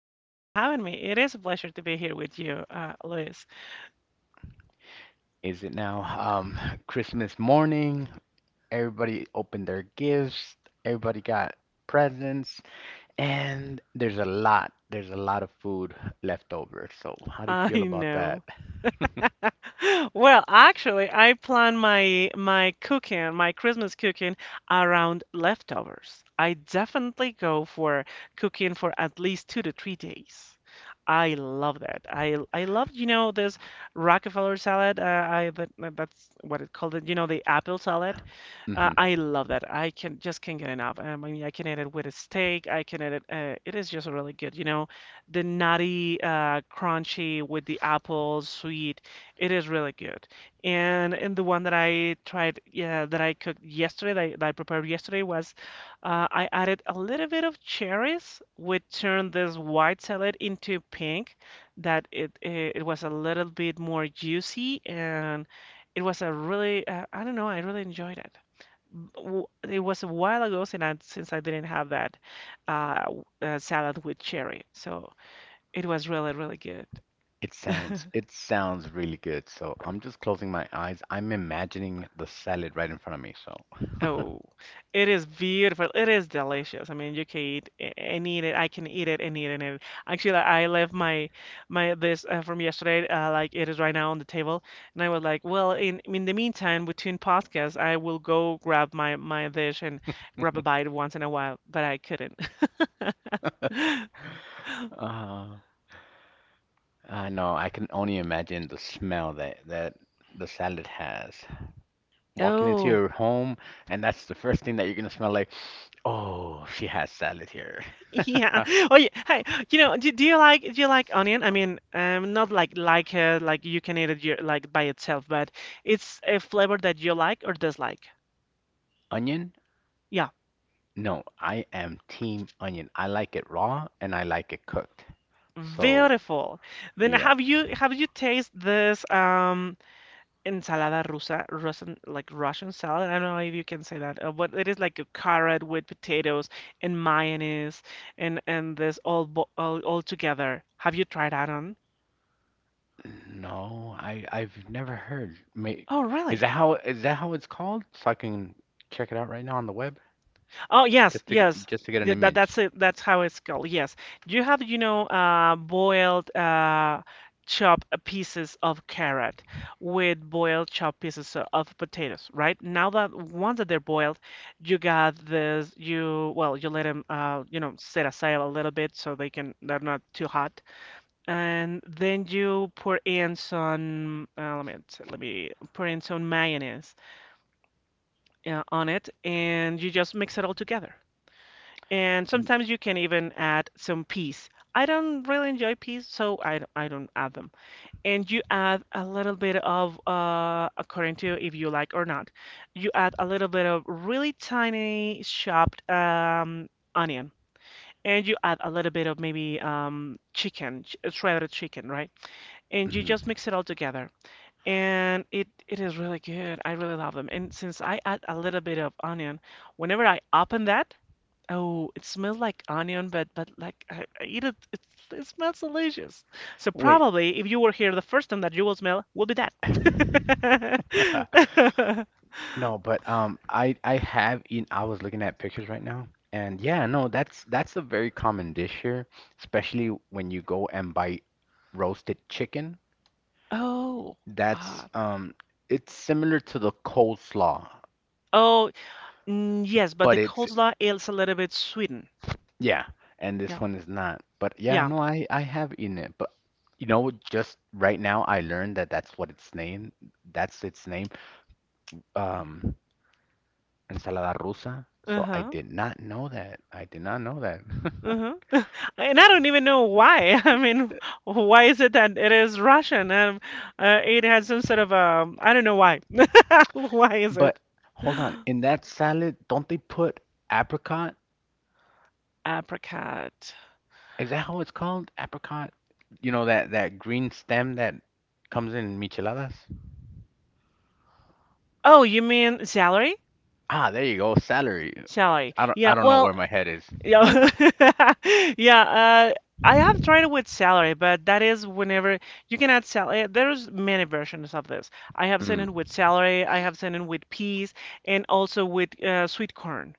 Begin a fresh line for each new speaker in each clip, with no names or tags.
you. Thank you for having me. It is a pleasure to be here with you, Luis.
Is it now Christmas morning? Everybody opened their gifts. Everybody got presents, and there's a lot. There's a lot of food left over. So, how do you
I
feel about
know.
that?
Well, actually, I plan my cooking, my Christmas cooking around leftovers. I definitely go for cooking for at least 2 to 3 days. I love that. I love, you know, this Rockefeller salad. I that's what it called it, you know, the apple salad.
Hmm.
I love that. I can just can't get enough. I mean, I can eat it with a steak. I can eat it. It is just really good. You know, the nutty, crunchy with the apple, sweet. It is really good. And the one that I tried, yeah, that I cooked yesterday, that I prepared yesterday was, I added a little bit of cherries, which turned this white salad into pink. It was a little bit more juicy and. It was a really, I don't know, I really enjoyed it. It was a while ago since I didn't have that salad with cherry. So it was really, really good.
It sounds really good. So, I'm just closing my eyes. I'm imagining the salad right in front of me. So,
Oh, it is beautiful. It is delicious. I mean, you can eat a- and eat it. I can eat it and eat it and eat it. Actually, I left my my this from yesterday, like it is right now on the table, and I was like, well, in the meantime, between podcasts, I will go grab my dish and grab a bite once in a while, but I couldn't.
uh, I know I can only imagine the smell that the salad has, walking into
Oh.
your home, and that's the first thing that you're gonna smell like, oh, she has salad here.
Yeah. Oh, yeah. Hey, you know, do you like onion? I mean, not like you can eat it your, like by itself, but it's a flavor that you like or dislike.
Onion?
Yeah.
No, I am team onion. I like it raw and I like it cooked. So,
Beautiful. Then
yeah.
have you tasted this ensalada rusa Russian like Russian salad? I don't know if you can say that, but it is like a carrot with potatoes and mayonnaise and this all bo all together. Have you tried that on?
No, I've never heard.
Oh,
Is
really?
that how it's called? So I can check it out right now on the web,
Oh yes,
just to
yes.
get an
Yeah, that
image.
that's it. That's how it's called. Yes. You have, you know, boiled, chopped pieces of carrot with boiled chopped pieces of potatoes, right? Now that once that they're boiled, you got this. You well, you let them, you know, set aside a little bit so they can they're not too hot, and then you pour in some. Let me let me pour in some mayonnaise on it, and you just mix it all together. And sometimes you can even add some peas. I don't really enjoy peas, so I don't add them. And you add a little bit of, according to if you like or not, you add a little bit of really tiny chopped onion. And you add a little bit of maybe shredded chicken, right? And you just
Mm-hmm.
mix it all together. And it is really good. I really love them. And since I add a little bit of onion, whenever I open that, oh, it smells like onion, but I eat it. It smells delicious. So
Wait.
probably, if you were here, the first time, that you will smell will be that.
No, but I have eaten. I was looking at pictures right now, and yeah, no, that's a very common dish here, especially when you go and buy roasted chicken.
Oh,
That's
ah,
it's similar to the coleslaw,
oh, mm, yes, but
but
the
it's
coleslaw is a little bit sweetened.
yeah, and this
Yeah,
one is not. But yeah,
yeah.
no, I have eaten it, but you know, just right now I learned that that's what its name, that's its name, um, ensalada rusa. So I
Uh-huh.
did not know that. I did not know that.
Uh-huh. And I don't even know why. I mean, why is it that it is Russian? It has some sort of I don't know why. Why is
But
it?
hold on, in that salad, don't they put apricot?
Apricot.
Is that how it's called? Apricot? You know that that green stem that comes in micheladas?
Oh, you mean salary?
Ah, there you go. Celery.
Salary.
I don't
Yeah,
I don't know
well,
where my head is.
yeah. Yeah. I have tried it with salary, but that is whenever you can add salary. There's many versions of this. I have seen it
Hmm.
with salary, I have seen it with peas, and also with sweet corn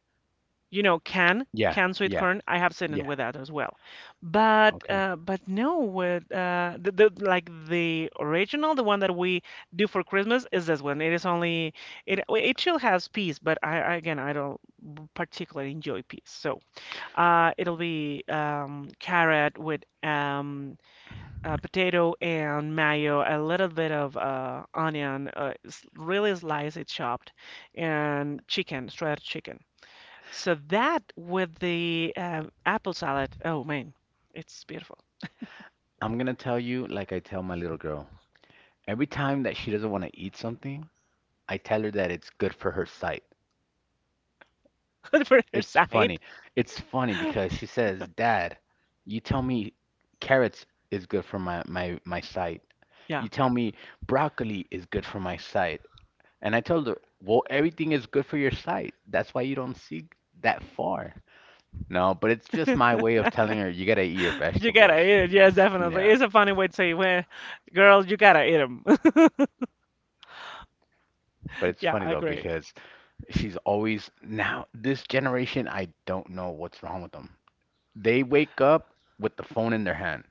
you know,
Yeah,
can sweet
yeah,
corn. I have seen it
yeah.
with that as well, but
Okay.
no, with the like the original, the one that we do for Christmas is this one. It is only it still has peas, but again I don't particularly enjoy peas, so it'll be carrot with potato and mayo, a little bit of onion, really sliced, chopped, and chicken, shredded chicken. So that with the apple salad, oh man, it's beautiful.
I'm gonna tell you like I tell my little girl. Every time that she doesn't want to eat something, I tell her that it's good for her sight.
For their
It's
side,
funny. It's funny because she says, "Dad, you tell me carrots is good for my sight.
yeah.
You tell me broccoli is good for my sight." And I told her, "Well, everything is good for your sight. That's why you don't see that far." No, but it's just my way of telling her you gotta eat your
You gotta
vegetables.
eat it. Yes, definitely.
Yeah.
It's a funny way to say, well, girl, you gotta eat them.
But it's
Yeah,
funny
I
though
agree.
because she's always now this generation, I don't know what's wrong with them. They wake up with the phone in their hand.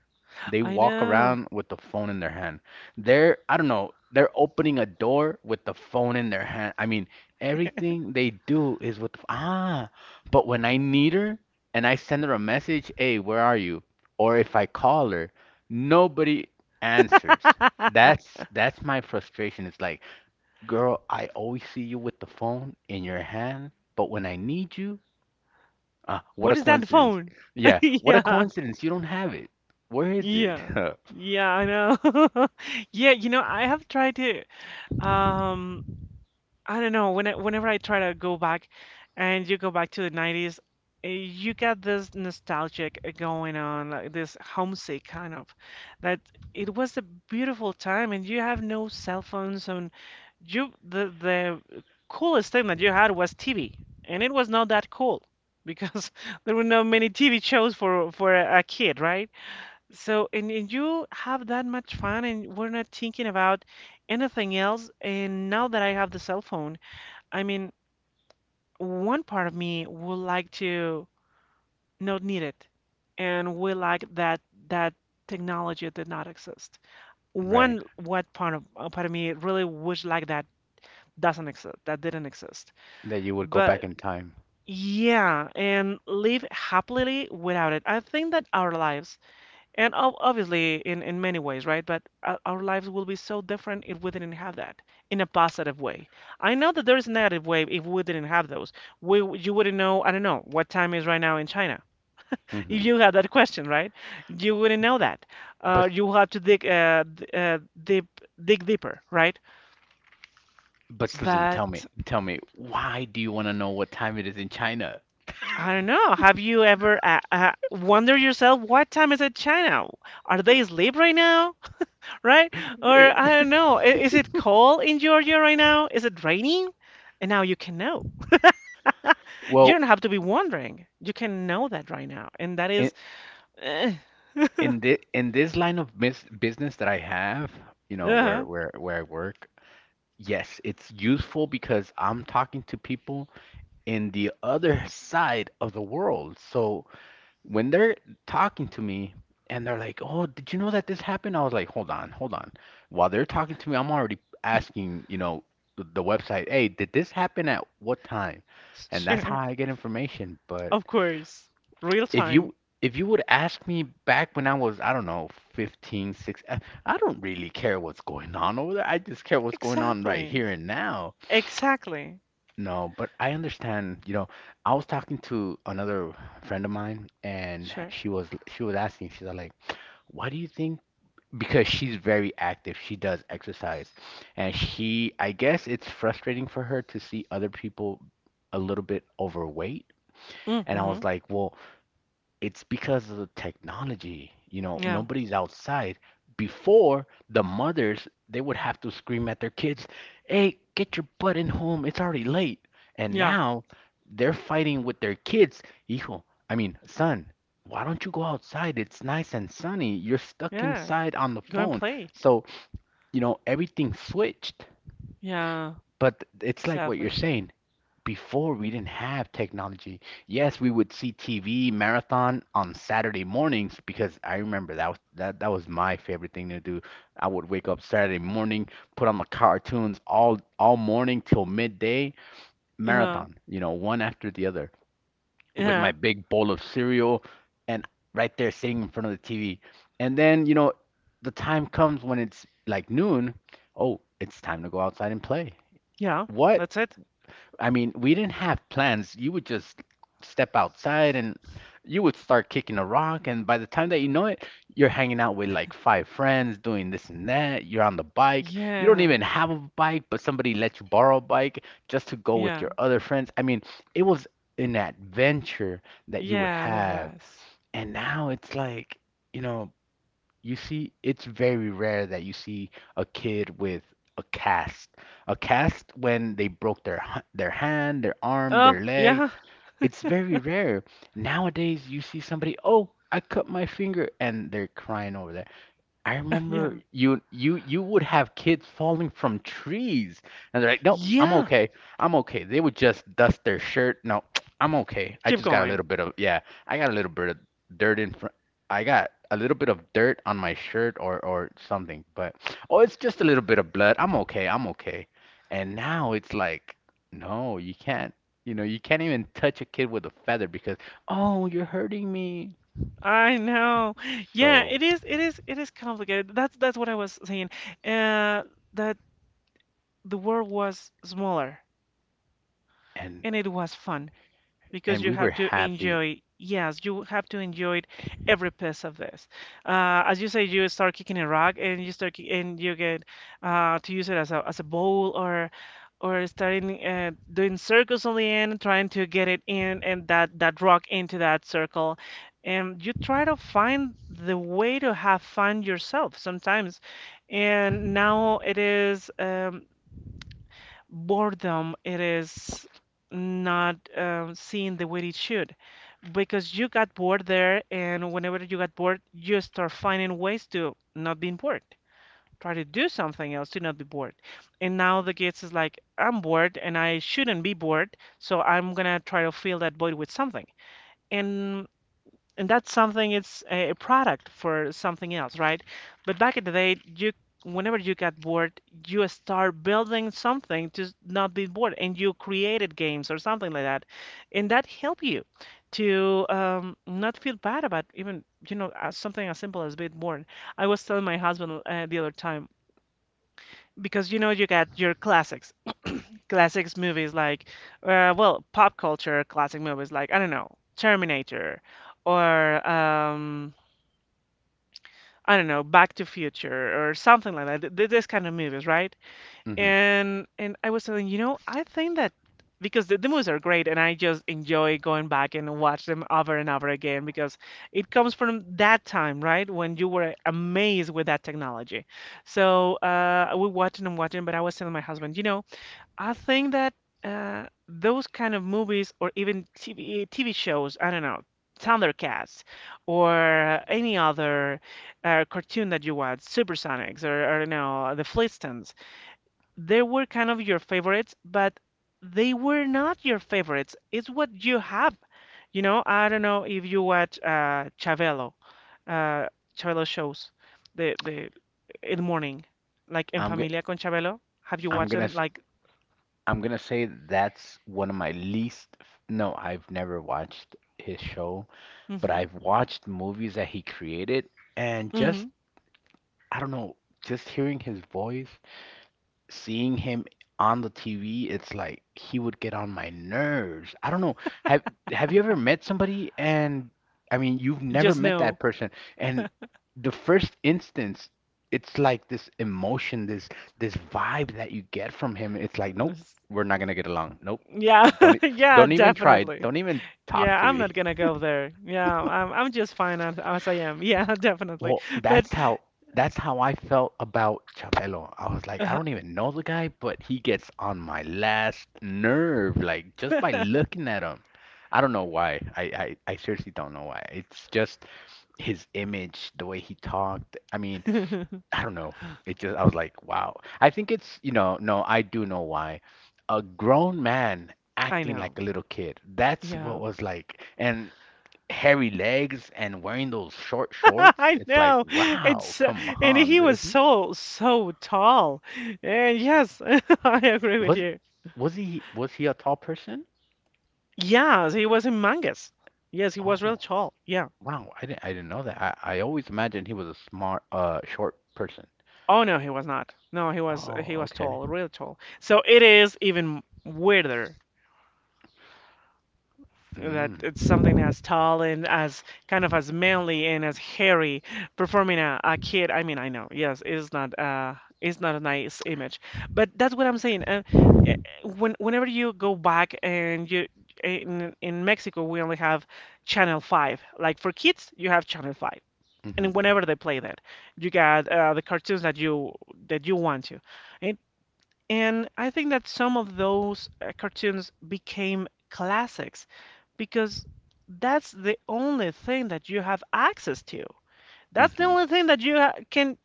They
I
walk
know.
around with the phone in their hand. They're, I don't know, they're opening a door with the phone in their hand. I mean, everything they do is with, ah, but when I need her and I send her a message, hey, where are you? Or if I call her, nobody answers. That's my frustration. It's like, girl, I always see you with the phone in your hand, but when I need you, ah, what a
What is that
coincidence.
phone?
Yeah, what a
Yeah,
coincidence. You don't have it. Where is it?
yeah, yeah, I know. Yeah, you know, I have tried to, um, I don't know. Whenever I try to go back, and you go back to the 90s, you get this nostalgic going on, like this homesick kind of, that it was a beautiful time, and you have no cell phones, and you the coolest thing that you had was TV, and it was not that cool because there were not many TV shows for a kid, right? So, and you have that much fun, and we're not thinking about anything else. And now that I have the cell phone. I mean, one part of me would like to not need it and would like that technology did not exist.
Right.
One what part of me really wish like that doesn't exist, that didn't exist.
That you would go back
But
in time.
yeah, and live happily without it. I think that our lives and obviously, in many ways, right? But our lives will be so different if we didn't have that in a positive way. I know that there is a negative way if we didn't have those. You wouldn't know, I don't know, what time is right now in China. If
Hmm.
you had that question, right? You wouldn't know that. Uh,
But
you have to dig deep, dig deeper, right?
but Susan,
But
tell me, why do you want to know what time it is in China?
I don't know. Have you ever wondered yourself what time is it China? Are they asleep right now? Right? Or I don't know. Is it cold in Georgia right now? Is it raining? And now you can know. You
Well,
don't have to be wondering. You can know that right now. And that
in
is, eh.
in this line of mis business that I have, you know, where
Uh-huh.
I work, yes, it's useful because I'm talking to people in the other side of the world. So when they're talking to me and they're like, "Oh, did you know that this happened?" I was like, "Hold on, hold on." While they're talking to me, I'm already asking, you know, the website, "Hey, did this happen at what time?" And that's how
Sure.
I get information. But
Of course. Real
if
time.
you if you would ask me back when I was, I don't know, 15, 6, I don't really care what's going on over there. I just care what's going on right
Exactly.
here and now.
Exactly.
No, but I understand, you know, I was talking to another friend of mine and
Sure.
she was asking, she's like, "Why do you think?" Because she's very active. She does exercise. And she, I guess it's frustrating for her to see other people a little bit overweight. And I
Mm-hmm.
was like, "Well, it's because of the technology. You know,
Yeah.
nobody's outside. Before, the mothers, they would have to scream at their kids, 'Hey, get your butt in home. It's already late.'" And
Yeah.
now they're fighting with their kids. Hijo, I mean, son, why don't you go outside? It's nice and sunny. You're stuck
Yeah.
inside on the
Go and
phone.
play.
So, you know, everything switched.
Yeah.
But it's like what you're
Sadly.
saying. Before we didn't have technology. Yes, we would see TV marathon on Saturday mornings because I remember that that, was my favorite thing to do. I would wake up Saturday morning, put on the cartoons all morning till midday,
Uh-huh.
marathon, you know, one after the other with my
Yeah.
big bowl of cereal and right there sitting in front of the TV. And then, you know, the time comes when it's like noon, oh, it's time to go outside and play.
Yeah.
What?
That's it.
I mean, we didn't have plans. You would just step outside and you would start kicking a rock. And by the time that you know it, you're hanging out with like five friends doing this and that. You're on the bike. You don't
Yeah.
even have a bike, but somebody let you borrow a bike just to go with
Yeah.
your other friends. I mean, it was an adventure that you would
Yeah, it
have.
was.
And now it's like, you know, you see, it's very rare that you see a kid with a cast. A cast when they broke their their hand, their arm,
Oh,
their leg.
yeah.
It's very rare. Nowadays, you see somebody, "Oh, I cut my finger," and they're crying over I
Yeah.
remember you would have kids falling from trees, and they're like, "Nope, I'm
Yeah.
okay. I'm okay." They would just dust their shirt. No, I'm okay. I
Keep
just got a
going.
little bit of yeah, I got a little bit of dirt in front. I got a little bit of dirt on my shirt or something, but oh, it's just a little bit of blood. I'm okay. I'm okay. And now it's like, no, you can't. You know, you can't even touch a kid with a feather because, oh, you're hurting me.
I know. Yeah,
So,
it is it is complicated. That's what I was saying. Uh that the world was smaller
and
and it was fun. Because
and
you
we were
have to
happy.
enjoy yes you have to enjoy every piece of this, as you say you start kicking a rock and you get to use it as as a bowl or starting doing circles on the end trying to get it in and that rock into that circle, and you try to find the way to have fun yourself sometimes, and now it is, boredom it is not, seen the way it should, because you got bored there and whenever you got bored you start finding ways to not being bored, try to do something else to not be bored, and now the kids is like I'm bored and I shouldn't be bored so I'm gonna try to fill that void with something, and and that's something it's a product for something else right, but back in the day you whenever you got bored you start building something not be bored and you created games or something like that, and that helped you to, not feel bad about even you know as something as simple as being bored. I was telling my husband, the other time, because you know you got your classics movies like, well pop culture classic movies like I don't know, Terminator or I don't know, Back to Future or something like that. This kind of movies, right?
Hmm.
And I was telling, you know, I think that because the movies are great and I just enjoy going back and watch them over and over again because it comes from that time, right? When you were amazed with that technology. So we watching and watching, but I was telling my husband, you know, I think that those kind of movies or even TV shows, I don't know, Thundercats or any other cartoon that you watch, Supersonics or, I don't know, The Flintstones, they were kind of your favorites, but they were not your favorites. It's what you have. I don't know if you watch Chabelo, uh, Chabelo shows the in the morning, like En
I'm go
Familia con Chabelo. Have you
I'm
watched
gonna
them?
s-
Like,
I'm gonna say that's one of my no, I've never watched his show, but
hmm
I've watched movies that he created and just
hmm
I don't know, just hearing his voice seeing him on the TV, it's like he would get on my nerves. I don't know. Have have you ever met somebody and I mean, you've never
Just
met that
no.
person and the first instance, it's like this emotion, this vibe that you get from him. It's like, nope, we're not gonna get along. Nope.
Yeah,
Don't e-
yeah,
don't even try.
definitely.
Don't even talk
Yeah,
to
I'm not
me.
gonna go there. Yeah, I'm just fine as I am. Yeah, definitely.
Well,
But
that's how I felt about Chabelo. I was like, I
uh,
don't even know the guy, but he gets on my last nerve, like just by looking at him. I don't know why. I seriously don't know why. It's just his image, the way he talked. I mean, I don't know. It just I was like, wow. I think it's, you know, no, I do know why. A grown man
I
acting
know.
like a little kid. That's
Yeah.
what was like. And hairy legs and wearing those short shorts.
I
It's like,
know.
wow,
It's
come
and
on,
he was
dude.
so tall. And yes, I agree with
Was
you.
was he a tall person?
Yes, he was humongous. Yes, he was real
Oh,
tall. Yeah.
wow, I didn't know that. I always imagined he was a smart short person.
Oh no, he was not. No, he was he
Oh,
was
okay.
tall, real tall. So it is even weirder, that
Mm,
it's something as tall and as kind of as manly and as hairy performing a kid. I mean, I know, yes, it's not a nice image, but that's what I'm saying. Eh, when whenever you go back and you in Mexico, we only have channel 5, like for kids you have channel 5,
mm-hmm,
and whenever they play that, you got the cartoons that you want to. and and I think that some of those cartoons became classics because that's the only thing that you have access to. That's the
mm-hmm.
only thing that you ha can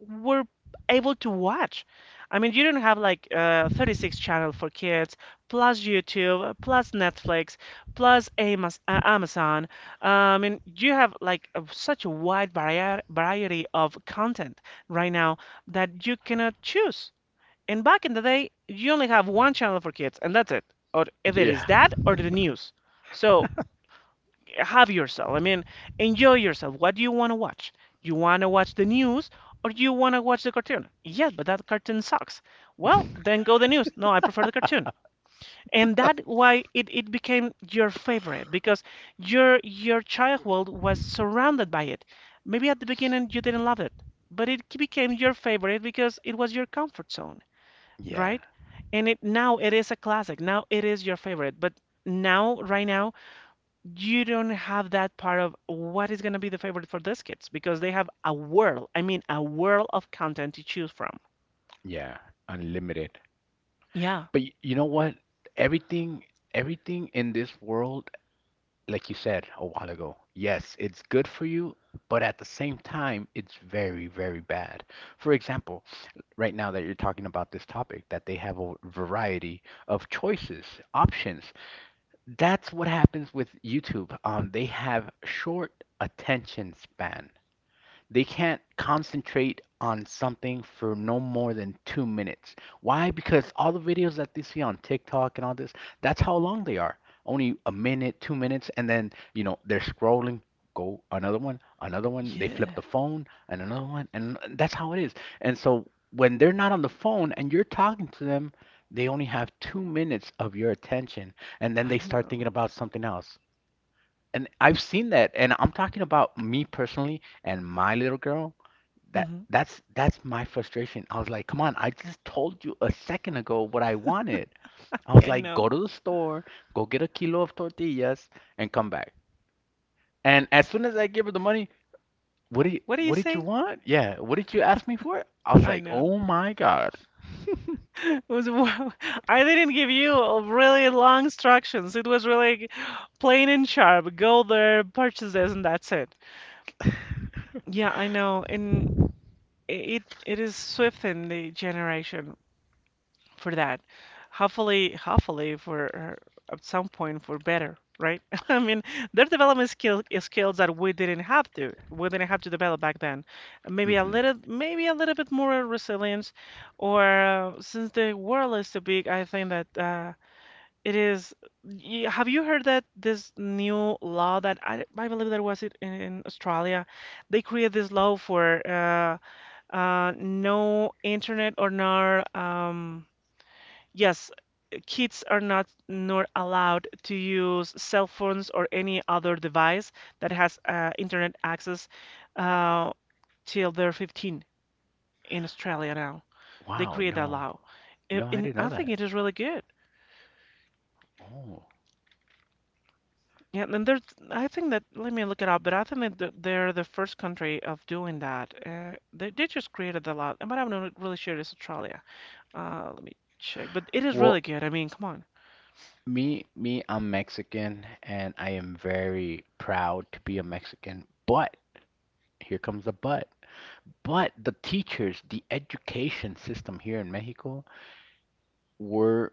were able to watch. I mean, you don't have like 36 channel for kids, plus YouTube, plus Netflix, plus Amos Amazon. I mean, you have like a, such a wide varia variety of content right now that you cannot choose. And back in the day, you only have one channel for kids, and that's it. Or either is
Yeah,
that or the news. So have yourself. I mean, enjoy yourself. What do you want to watch? You want to watch the news or you want to watch the cartoon? Yes, but that cartoon sucks. Well, then go the news. No, I prefer the cartoon. And that's why it became your favorite because your childhood was surrounded by it. Maybe at the beginning you didn't love it, but it became your favorite because it was your comfort zone,
yeah,
right? And it now it is a classic. Now it is your favorite. But now, right now, you don't have that part of what is going to be the favorite for these kids because they have a world, I mean, a world of content to choose from.
yeah. Unlimited.
Yeah.
But y you know what? Everything everything in this world like you said a while ago, yes, it's good for you, but at the same time, it's very, very bad. For example, right now that you're talking about this topic, that they have a variety of choices, options. That's what happens with YouTube. They have short attention span they can't concentrate on something for no more than 2 minutes. Why? Because all the videos that they see on TikTok and all this, that's how long they are. Only a minute, 2 minutes, and then, you know, they're scrolling, go another one, they flip
Yeah,
the phone, and another one, and that's how it is. And so when they're not on the phone and you're talking to them, they only have 2 minutes of your attention, and then
I
they start thinking
know.
about something else. And I've seen that, and I'm talking about me personally and my little girl that
Hmm.
that's that's my frustration. I was like, come on, I just told you a second ago what I wanted. I
Yeah,
was
I
like,
know.
go to the store, go get a kilo of tortillas, and come back. And as soon as I gave her the money,
What do you
what did you
say?
want? Yeah, what did you ask me for? I was
I
like,
know.
oh my God.
It was, wow. I didn't give you a really long instructions. It was really like, plain and sharp. Go there, purchase this, and that's it. Yeah, I know. And it is swift in the generation for that. Hopefully, hopefully for at some point for better, right? I mean, their development skill is skills that we didn't have to develop back then.
Hmm
Maybe a little bit more resilience, or since the world is so big, I think that it is. Have you heard that this new law that I believe that was it in Australia? They create this law for no internet or no yes, kids are not nor allowed to use cell phones or any other device that has internet access uh, till they're 15 in Australia now. They
Wow,
create that
no,
law.
no,
It,
I
and
didn't know
I think
that.
it is really good.
Oh,
Yeah, and there's, I think that, let me look it up, but I think that they're the first country of doing that. They just created the law, but I'm not really sure it's Australia. Let me check. But it is really
well,
good. I mean, come on.
me, I'm Mexican, and I am very proud to be a Mexican. But here comes the but. But the teachers, the education system here in Mexico were,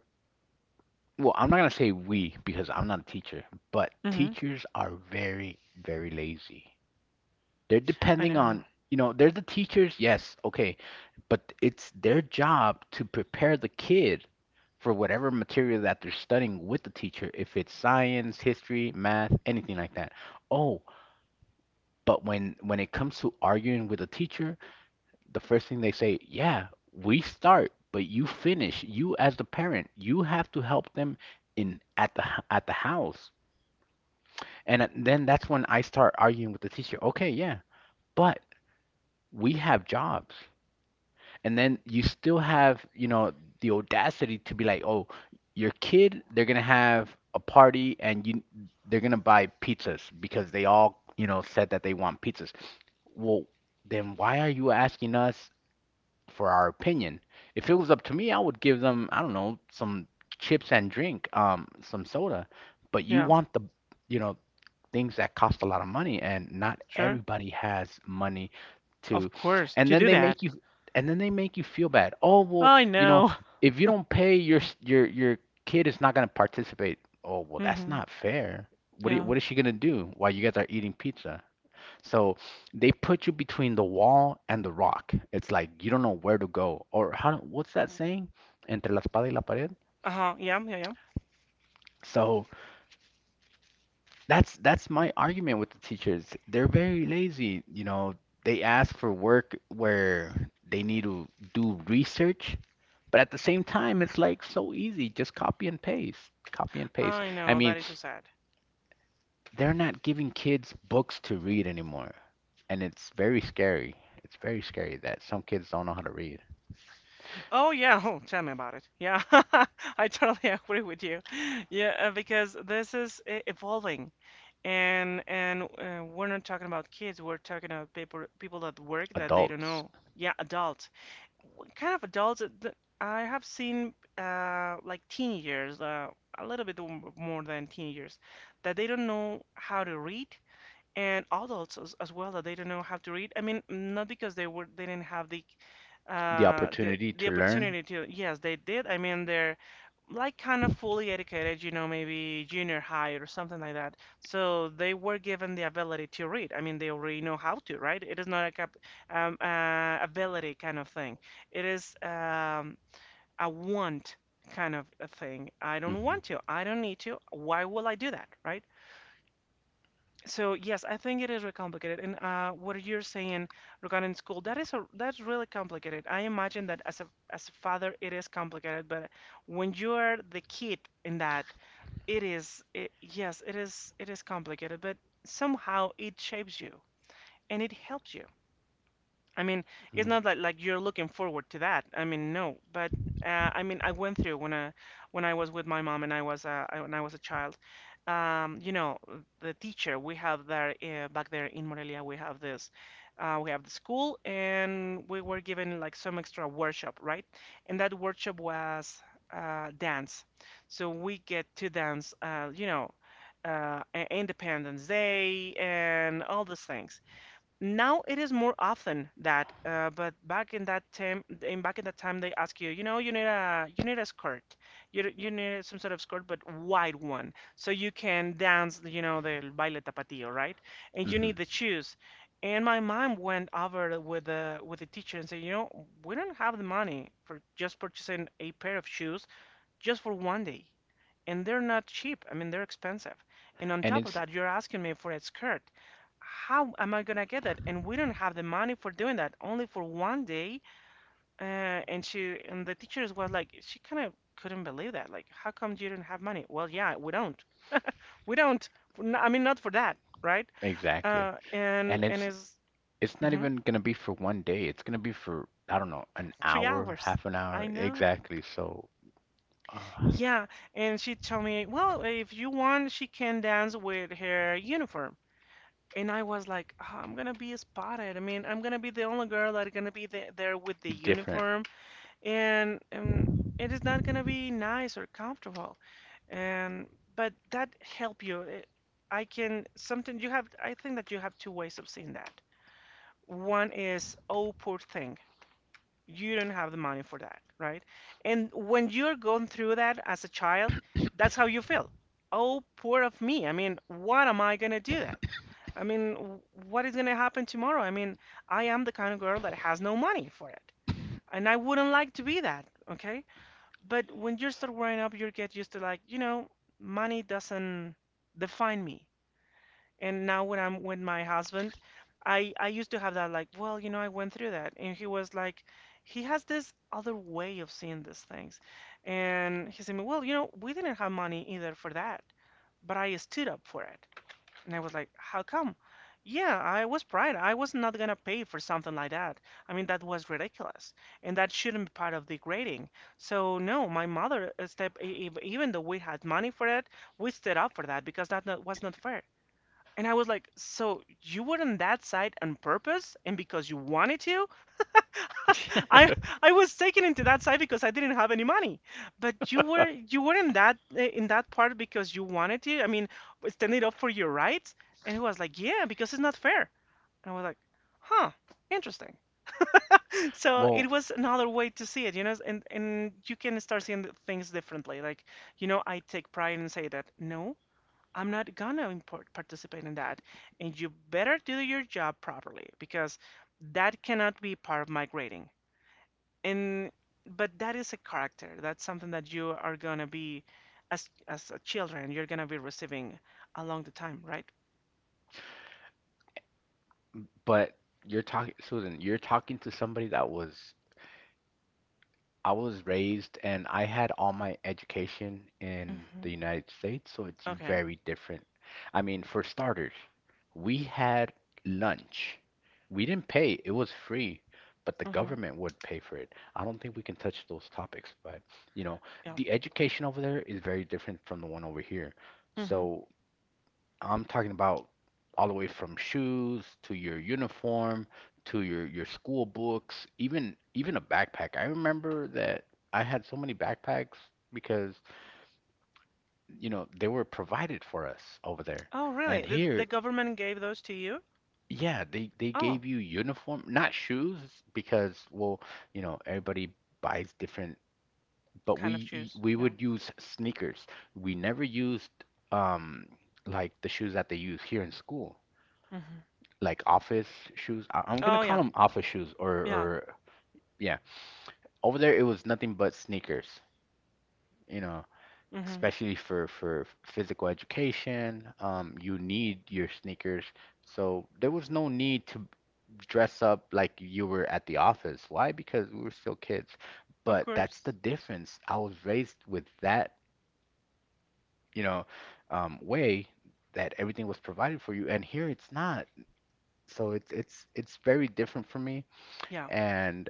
well, I'm not gonna say we because I'm not a teacher, but
Hmm.
teachers are very, very lazy. They're
I
depending
know.
on, you know, they're the teachers, yes, okay, but it's their job to prepare the kid for whatever material that they're studying with the teacher, if it's science, history, math, anything like that. Oh, but when it comes to arguing with a teacher, the first thing they say, yeah, we start, but you finish. You as the parent, you have to help them in at the at the house. And then that's when I start arguing with the teacher. Okay, yeah, but we have jobs. And then you still have, you know, the audacity to be like, "Oh, your kid, they're gonna have a party and you they're gonna buy pizzas because they all, you know, said that they want pizzas." Well, then why are you asking us for our opinion. If it was up to me, I would give them, I don't know, some chips and drink, some soda. But you
Yeah,
want the, you know, things that cost a lot of money, and not
sure.
everybody has money to.
Of course,
And
to
then
do
they make
that.
you, and then they make you feel bad. Oh, well,
I
you know,
know.
if you don't pay, your s- your kid is not gonna participate. Oh, well, that's
Hmm.
not fair.
Yeah.
What is she gonna do while you guys are eating pizza? So they put you between the wall and the rock. It's like you don't know where to go or how, what's that saying? Entre la espada y la pared.
Uh-huh. Yeah, yeah, yeah.
So that's my argument with the teachers. They're very lazy, you know. They ask for work where they need to do research, but at the same time, it's like so easy. Just copy and paste, copy and paste.
I
I
know, that
mean,
is so sad.
they're not giving kids books to read anymore, and it's very scary. It's very scary that some kids don't know how to read.
Oh yeah, oh, tell me about it. Yeah, I totally agree with you. Yeah, because this is evolving, and we're not talking about kids. We're talking about people that work that they don't
Adults
know. Yeah, adults. What kind of adults? I have seen like teenagers, a little bit more than teenagers, that they don't know how to read, and adults as well that they don't know how to read. I mean, not because they didn't have
the opportunity
the
to learn.
opportunity to. Yes, they did. I mean, they're like kind of fully educated, you know, maybe junior high or something like that. So they were given the ability to read. I mean, they already know how to, right? It is not like a cap ability kind of thing. It is a want kind of a thing. I don't
Mm-hmm.
want to. I don't need to. Why will I do that, right? So yes, I think it is really complicated. And what you're saying regarding school, that is a that's really complicated. I imagine that as a father, it is complicated. But when you're the kid in that, yes, it is complicated. But somehow it shapes you and it helps you. I mean, it's not that like you're looking forward to that. I mean, no, but I mean, I went through when I was with my mom and I was when I was a child. You know, the teacher we have there back there in Morelia, we have this, we have the school, and we were given like some extra workshop, right? And that workshop was dance, so we get to dance, you know, Independence Day and all these things. Now it is more often that, but back in that time they ask you, you know, you need a skirt, you need some sort of skirt, but wide one so you can dance, you know, the baile tapatio, right? And you need
hmm
the shoes. And my mom went over with the teacher and said, you know, we don't have the money for just purchasing a pair of shoes just for one day. And they're not cheap. I mean, they're expensive. And on
And
top of
it's
that, you're asking me for a skirt. How am I gonna get that? And we don't have the money for doing that, only for one day. And she and the teachers was like, she kind of couldn't believe that. Like, how come you don't have money? Well, yeah, we don't. We don't. I mean, not for that, right?
exactly. And
And
it's
is
it's not
mhm,
even gonna be for one day. It's gonna be for, I don't know, an
three
hour,
hours.
half an hour.
I know.
Exactly. So, uh,
Yeah, and she told me, well, if you want, she can dance with her uniform. And I was like, "Ah, I'm gonna be spotted." I mean, I'm gonna be the only girl that's gonna be the there with the
different.
uniform, and it is not gonna be nice or comfortable. And but that help you. It, I can something you have. I think that you have two ways of seeing that. One is, oh, poor thing, you don't have the money for that, right? And when you're going through that as a child, that's how you feel. Oh, poor of me. I mean, what am I gonna do that? I mean, what is gonna happen tomorrow? I mean, I am the kind of girl that has no money for it, and I wouldn't like to be that, okay? But when you start growing up, you get used to, like, you know, money doesn't define me. And now when I'm with my husband, I used to have that, like, well, you know, I went through that. And he was like, he has this other way of seeing these things. And he said, well, you know, we didn't have money either for that, but I stood up for it. And I was like, how come? Yeah, I was pride. I was not gonna pay for something like that. I mean, that was ridiculous, and that shouldn't be part of the grading. So no, my mother even though we had money for it, we stood up for that because that not, was not fair. And I was like, so you were on that side on purpose and because you wanted to? I I was taken into that side because I didn't have any money. But you were in that in that part because you wanted to. I mean, standing up for your rights. And he was like, yeah, because it's not fair. And I was like, huh, interesting. So
Well,
it was another way to see it, you know, and you can start seeing the things differently. I take pride and say that no, I'm not gonna participate in that. And you better do your job properly because that cannot be part of my grading. And but that is a character. That's something that you are gonna be as a children. You're gonna be receiving along the time, right?
but you're talking, Susan, you're talking to somebody that was I was raised and I had all my education in the
Hmm.
United States, so it's
Okay.
very different. I mean, for starters, we had lunch. We didn't pay, it was free, but the
Hmm.
government would pay for it. I don't think we can touch those topics, but you know,
Yeah.
the education over there is very different from the one over here.
Hmm.
So I'm talking about all the way from shoes to your uniform to your school books, even a backpack. I remember that I had so many backpacks because you know they were provided for us over there.
Oh,
And
really? The
here,
government gave those to you?
yeah, they
Oh,
gave you uniform, not shoes because well, you know, everybody buys different, but
kind of
we
shoes.
we
Yeah.
would use sneakers. We never used um like the shoes that they use here in school.
Hmm.
Like office shoes. I'm gonna
Oh,
call
yeah.
them office shoes
Yeah.
or yeah. Over there, it was nothing but sneakers. You know,
Hmm.
especially for physical education, you need your sneakers. So there was no need to dress up like you were at the office. Why? Because we were still kids.
Of
But that's the
course.
difference. I was raised with that, you know, way that everything was provided for you, and here it's not. So it's very different for me.
Yeah.
And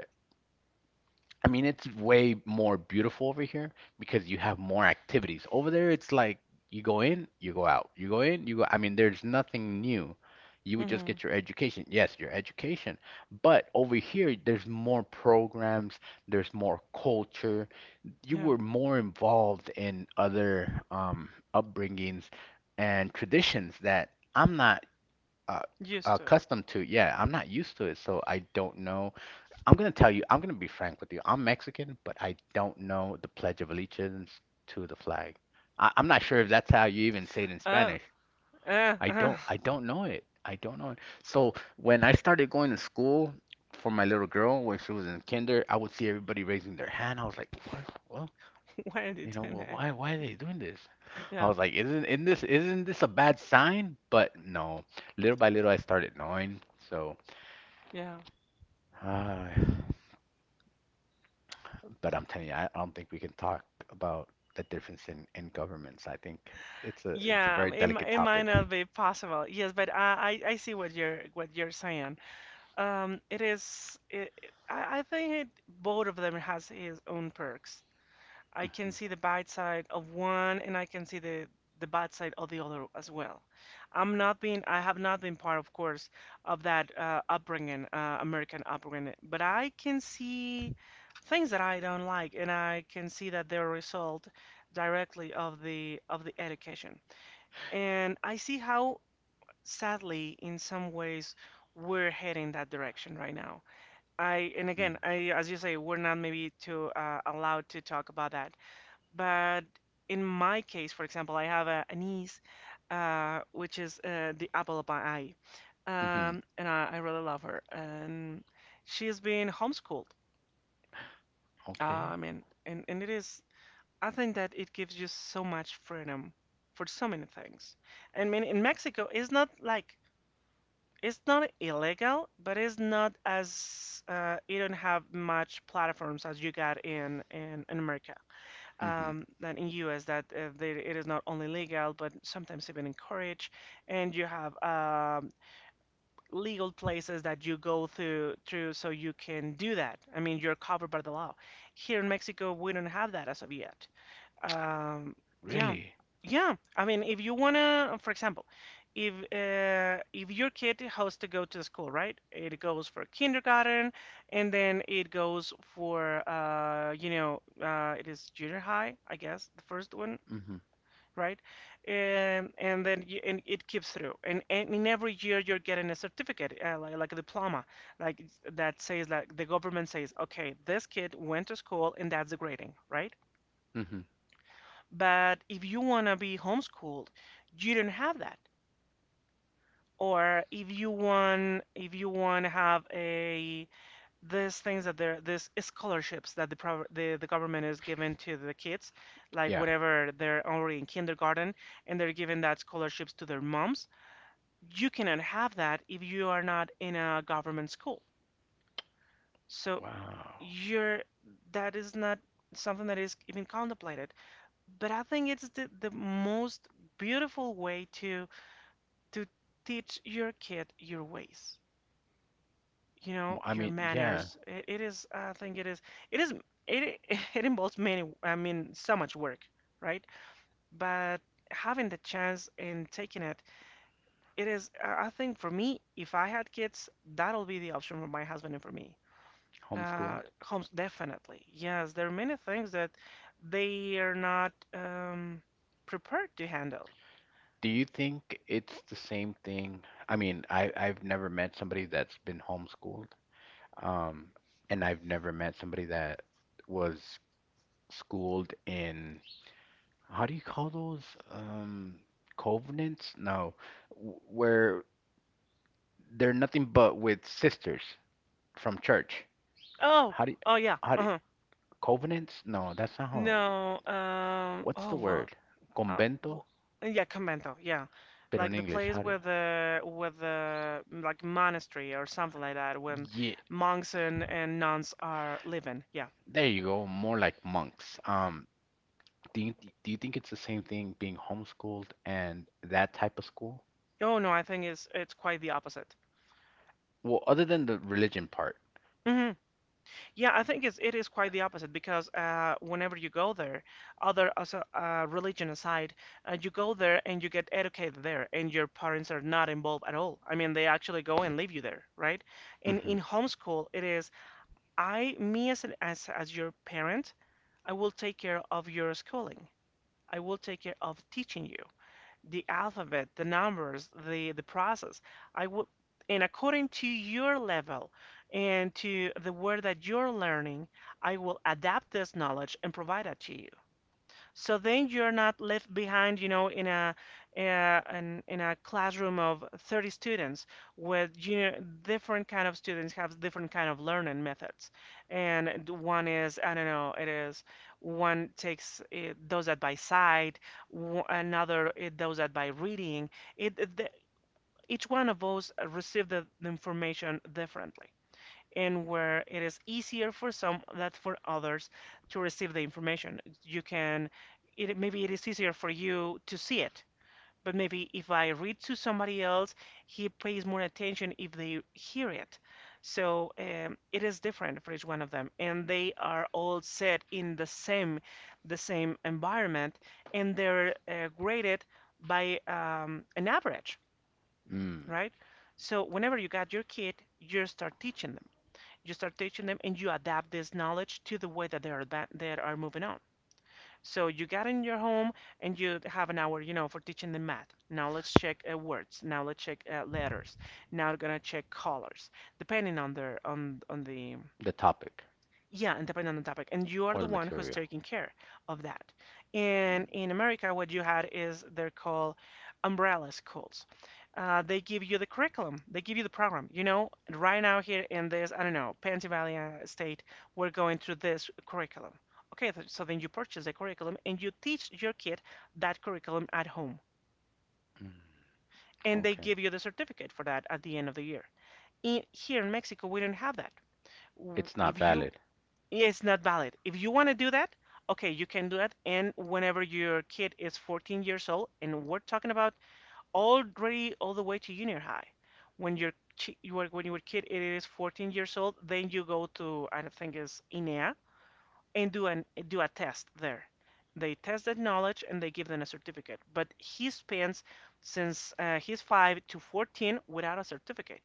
I mean, it's way more beautiful over here because you have more activities. Over there, it's like you go in, you go out. You go in, you go. I mean, there's nothing new. You would just
Hmm.
get your education. Yes, your education. But over here, there's more programs, there's more culture. You
Yeah.
were more involved in other upbringings and traditions that I'm not uh,
Used to it.
accustomed to. Yeah, I'm not used to it, so I don't know I'm gonna tell you, I'm gonna be frank with you. I'm Mexican, but I don't know the Pledge of Allegiance to the flag. I'm not sure if that's how you even say it in
Oh.
Spanish.
Uh, uh,
I don't know it. I don't know it. So when I started going to school for my little girl when she was in kinder, I would see everybody raising their hand. I was like, what? Well,
why are they
you know,
doing
well,
that?
why are they doing this? I
Yeah,
was like, isn't this a bad sign? But no, little by little, I started knowing. So,
yeah,
ah. But I'm telling you, I don't think we can talk about the difference in governments. I think it's a
yeah.
very delicate
It might
topic.
not be possible. Yes, but I see what you're saying. It is. I think it, both of them has his own perks. I can
Mm-hmm.
see the bad side of one and I can see the bad side of the other as well. I have not been part, of course, of that upbringing, American upbringing, but I can see things that I don't like and I can see that they're a result directly of the education. And I see how sadly in some ways we're heading that direction right now. I and again, I as you say, we're not maybe too allowed to talk about that, but in my case, for example, I have a niece, which is the apple of my eye,
Mm-hmm.
and I really love her. And she's been homeschooled. Uh, I
Okay.
mean, and it is, I think that it gives you so much freedom for so many things. I mean, in Mexico, it's not like it's not illegal, but it's not as you don't have much platforms as you got in America.
Mm-hmm.
Than in US that there, it is not only legal but sometimes even encouraged. And you have legal places that you go through so you can do that. I mean, you're covered by the law. Here in Mexico, we don't have that as of yet. Um, yeah,
Really?
yeah. I mean, if you wanna, for example, if your kid has to go to the school, right? It goes for kindergarten, and then it goes for it is junior high, I guess, the first one,
Mm-hmm.
right? And then you, and it keeps through, and in every year you're getting a certificate, like a diploma, that says like the government says, okay, this kid went to school, and that's the grading, right?
Mm-hmm.
But if you want to be homeschooled, you don't have that. Or if you want to have a these things that there, these scholarships that the government is giving to the kids, like
Yeah.
whenever they're already in kindergarten and they're giving that scholarships to their moms, you cannot have that if you are not in a government school. So
Wow.
you're that is not something that is even contemplated. But I think it's the most beautiful way to teach your kid your ways, you know,
Well, I
your
mean, yeah,
manners. I think it is, it is, it, it involves many, I mean, so much work, right? But having the chance and taking it, it is, I think for me, if I had kids, that'll be the option for my husband and for me.
homeschooled.
Homes, definitely. Yes, there are many things that they are not prepared to handle.
Do you think it's the same thing? I mean, I've never met somebody that's been homeschooled, um, and I've never met somebody that was schooled in how do you call those um covenants? No, where they're nothing but with sisters from church.
Oh,
How do you,
oh yeah.
how do you, covenants? No, that's not how.
No,
What's
oh
the
well,
word?
Uh, w-
Convento,
yeah, Convento, yeah.
pero
Like
in
the
English,
place
how do you?
where the like monastery or something like that, when
Yeah,
monks and nuns are living. Yeah.
there you go. More like monks. Do you, do you think it's the same thing being homeschooled and that type of school?
Oh no, I think it's quite the opposite.
Well, other than the religion part,
Hmm. Yeah, I think it's it is quite the opposite because whenever you go there, other also religion aside, you go there and you get educated there, and your parents are not involved at all. I mean, they actually go and leave you there, right? And in
hmm
homeschool, it is me as an as your parent, I will take care of your schooling. I will take care of teaching you the alphabet, the numbers, the process. I will, and according to your level and to the word that you're learning, I will adapt this knowledge and provide it to you. So then you're not left behind, you know, in a in a classroom of 30 students with you know, different kind of students have different kind of learning methods. And one is, I don't know, it is one takes does that by sight, another it does that by reading. It, it the, each one of those receive the information differently and where it is easier for some that for others to receive the information. You can, it, maybe it is easier for you to see it, but maybe if I read to somebody else, he pays more attention if they hear it. So it is different for each one of them, and they are all set in the same environment, and they're graded by an average,
mm,
right? So whenever you got your kid, you start teaching them you start teaching them and you adapt this knowledge to the way that they are moving on, so you got in your home and you have an hour you know for teaching them math, now let's check words, now let's check letters, now we're gonna check colors depending on their on the,
the topic
yeah, and depend on the topic and you are the
or the
one who's
material.
taking care of that. And in America what you had is they're called umbrella schools. They give you the curriculum, they give you the program, you know, right now here in this I don't know Pennsylvania state we're going through this curriculum, so then you purchase the curriculum and you teach your kid that curriculum at home,
Mm-hmm.
and they give you the certificate for that at the end of the year. In here in Mexico we don't have that.
It's
If
not
you
valid
it's not valid. If you want to do that, okay, you can do that. And whenever your kid is 14 years old, and we're talking about already all the way to junior high, when your you are, when your kid is 14 years old, then you go to I think it's INEA and do a test there. They test that knowledge and they give them a certificate. But he spends since he's 5 to 14 without a certificate.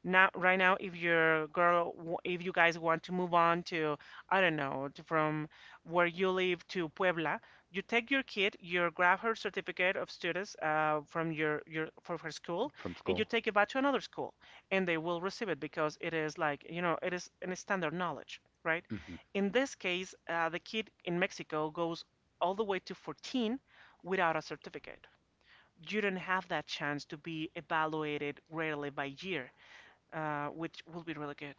Now, right now if your girl if you guys want to move on to I don't know to, from where you live to Puebla, you take your kid, you grab her certificate of studies from your from her school,
from
and you
school.
take it back to another school, and they will receive it because it is like you know it is an standard knowledge, right?
Hmm
In this case the kid in Mexico goes all the way to 14 without a certificate. You don't have that chance to be evaluated rarely by year, which will be really good.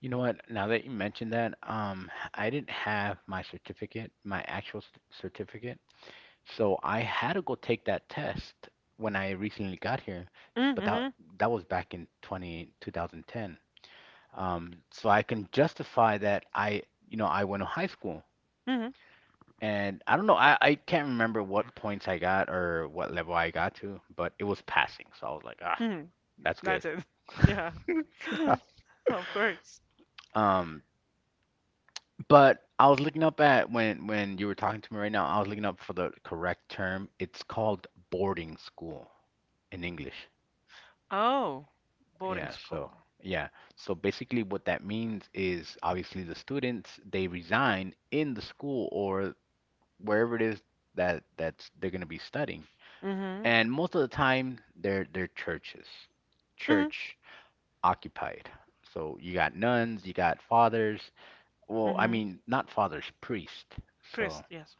You know what? Now that you mentioned that, I didn't have my certificate, my actual certificate, so I had to go take that test when I recently got here, but
Mm-hmm,
that that was back in 20 2010. So I can justify that I, you know, I went to high school,
mm-hmm,
and I don't know, I can't remember what points I got or what level I got to, but it was passing, so I was like, ah,
mm-hmm.
that's
That's
good.
it. Yeah, of course.
Um, but I was looking up at when you were talking to me right now, I was looking up for the correct term. It's called boarding school in English.
Oh, boarding
Yeah,
school.
so yeah. So basically what that means is obviously the students they resign in the school or wherever it is that that's they're going to be studying.
Mm-hmm,
And most of the time they're churches.
mm-hmm,
Church occupied. So you got nuns, you got fathers. Well, I
mm-hmm.
mean, not fathers, priest. So
Chris, yes,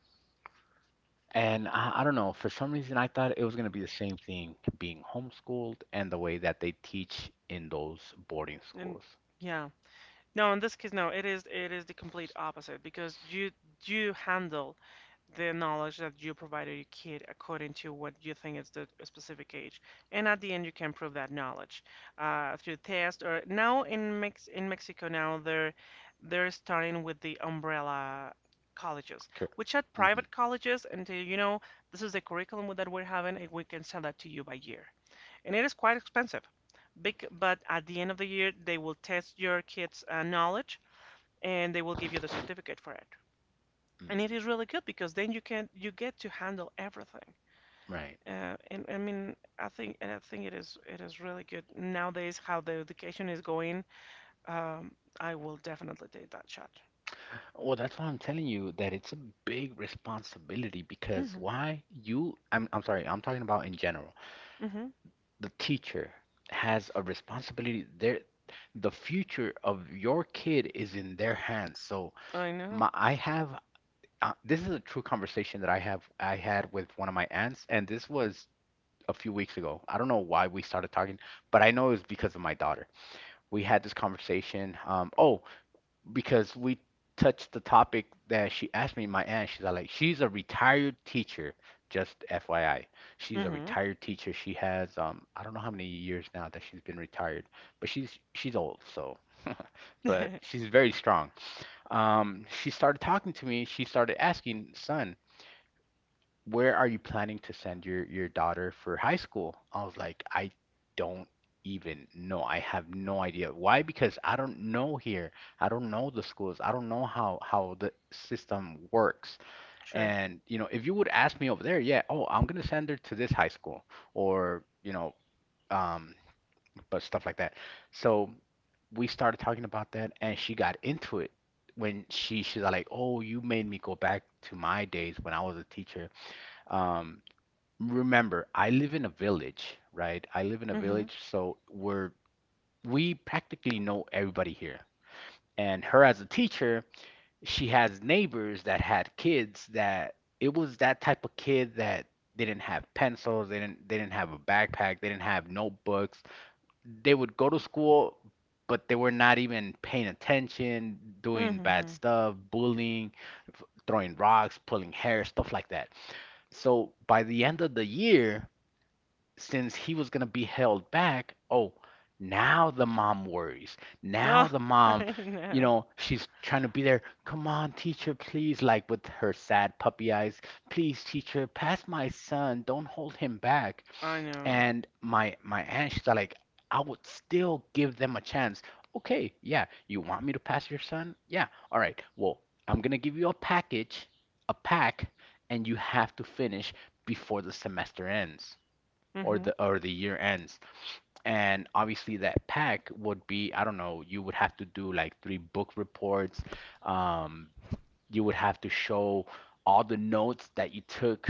and I don't know, for some reason, I thought it was going to be the same thing being homeschooled and the way that they teach in those boarding
and
schools.
yeah, no, in this case, no. It is the complete opposite because you handle the knowledge that you provided your kid according to what you think is the specific age, and at the end you can prove that knowledge through test, or now in Mex in Mexico now they're starting with the umbrella colleges, which are
Mm-hmm.
private colleges, and you know this is the curriculum that we're having, and we can sell that to you by year, and it is quite expensive. Big, but at the end of the year they will test your kids' knowledge and they will give you the certificate for it. And it
Mm,
is really good because then you can you get to handle everything.
right.
And I mean, I think and I think it is really good nowadays how the education is going. Um, I will definitely take that shot.
Well, that's why I'm telling you that it's a big responsibility because
Mhm.
why you, I'm sorry, I'm talking about in general.
Mhm.
The teacher has a responsibility. There, the future of your kid is in their hands. So
I know.
my, I have, this is a true conversation that I had with one of my aunts, and this was a few weeks ago. I don't know why we started talking, but I know it was because of my daughter. We had this conversation. Oh, because we touched the topic that she asked me, my aunt. She's like, she's a retired teacher. Just FYI, she's a
Mhm.
retired teacher. She has I don't know how many years now that she's been retired, but she's old, so but she's very strong. She started talking to me. She started asking, son, where are you planning to send your daughter for high school? I was like, I don't even know. I have no idea. Why? Because I don't know here. I don't know the schools. I don't know how the system works.
Sure.
And you know, if you would ask me over there, yeah, oh, I'm gonna send her to this high school or you know, um, but stuff like that. So we started talking about that, and she got into it. When she She's like, oh, you made me go back to my days when I was a teacher. Um, remember, I live in a village, right? I live in a
Mhm.
village, so we practically know everybody here. And her as a teacher, she has neighbors that had kids that it was that type of kid that they didn't have pencils, they didn't have a backpack, they didn't have notebooks. They would go to school, but they were not even paying attention, doing bad
Mhm.
stuff, bullying, throwing rocks, pulling hair, stuff like that. So by the end of the year, since he was going to be held back, oh, now the mom worries. Now
Oh,
the mom,
I know.
she's trying to be there. Come on, teacher, please, like with her sad puppy eyes. Please, teacher, pass my son. Don't hold him back.
I know.
And my aunt, she's like, I would still give them a chance. Okay, yeah, you want me to pass your son? Yeah. All right. Well, I'm gonna give you a package, a pack, and you have to finish before the semester ends or the
Mhm.
or the year ends. And obviously that pack would be, I don't know, you would have to do like three book reports. Um, you would have to show all the notes that you took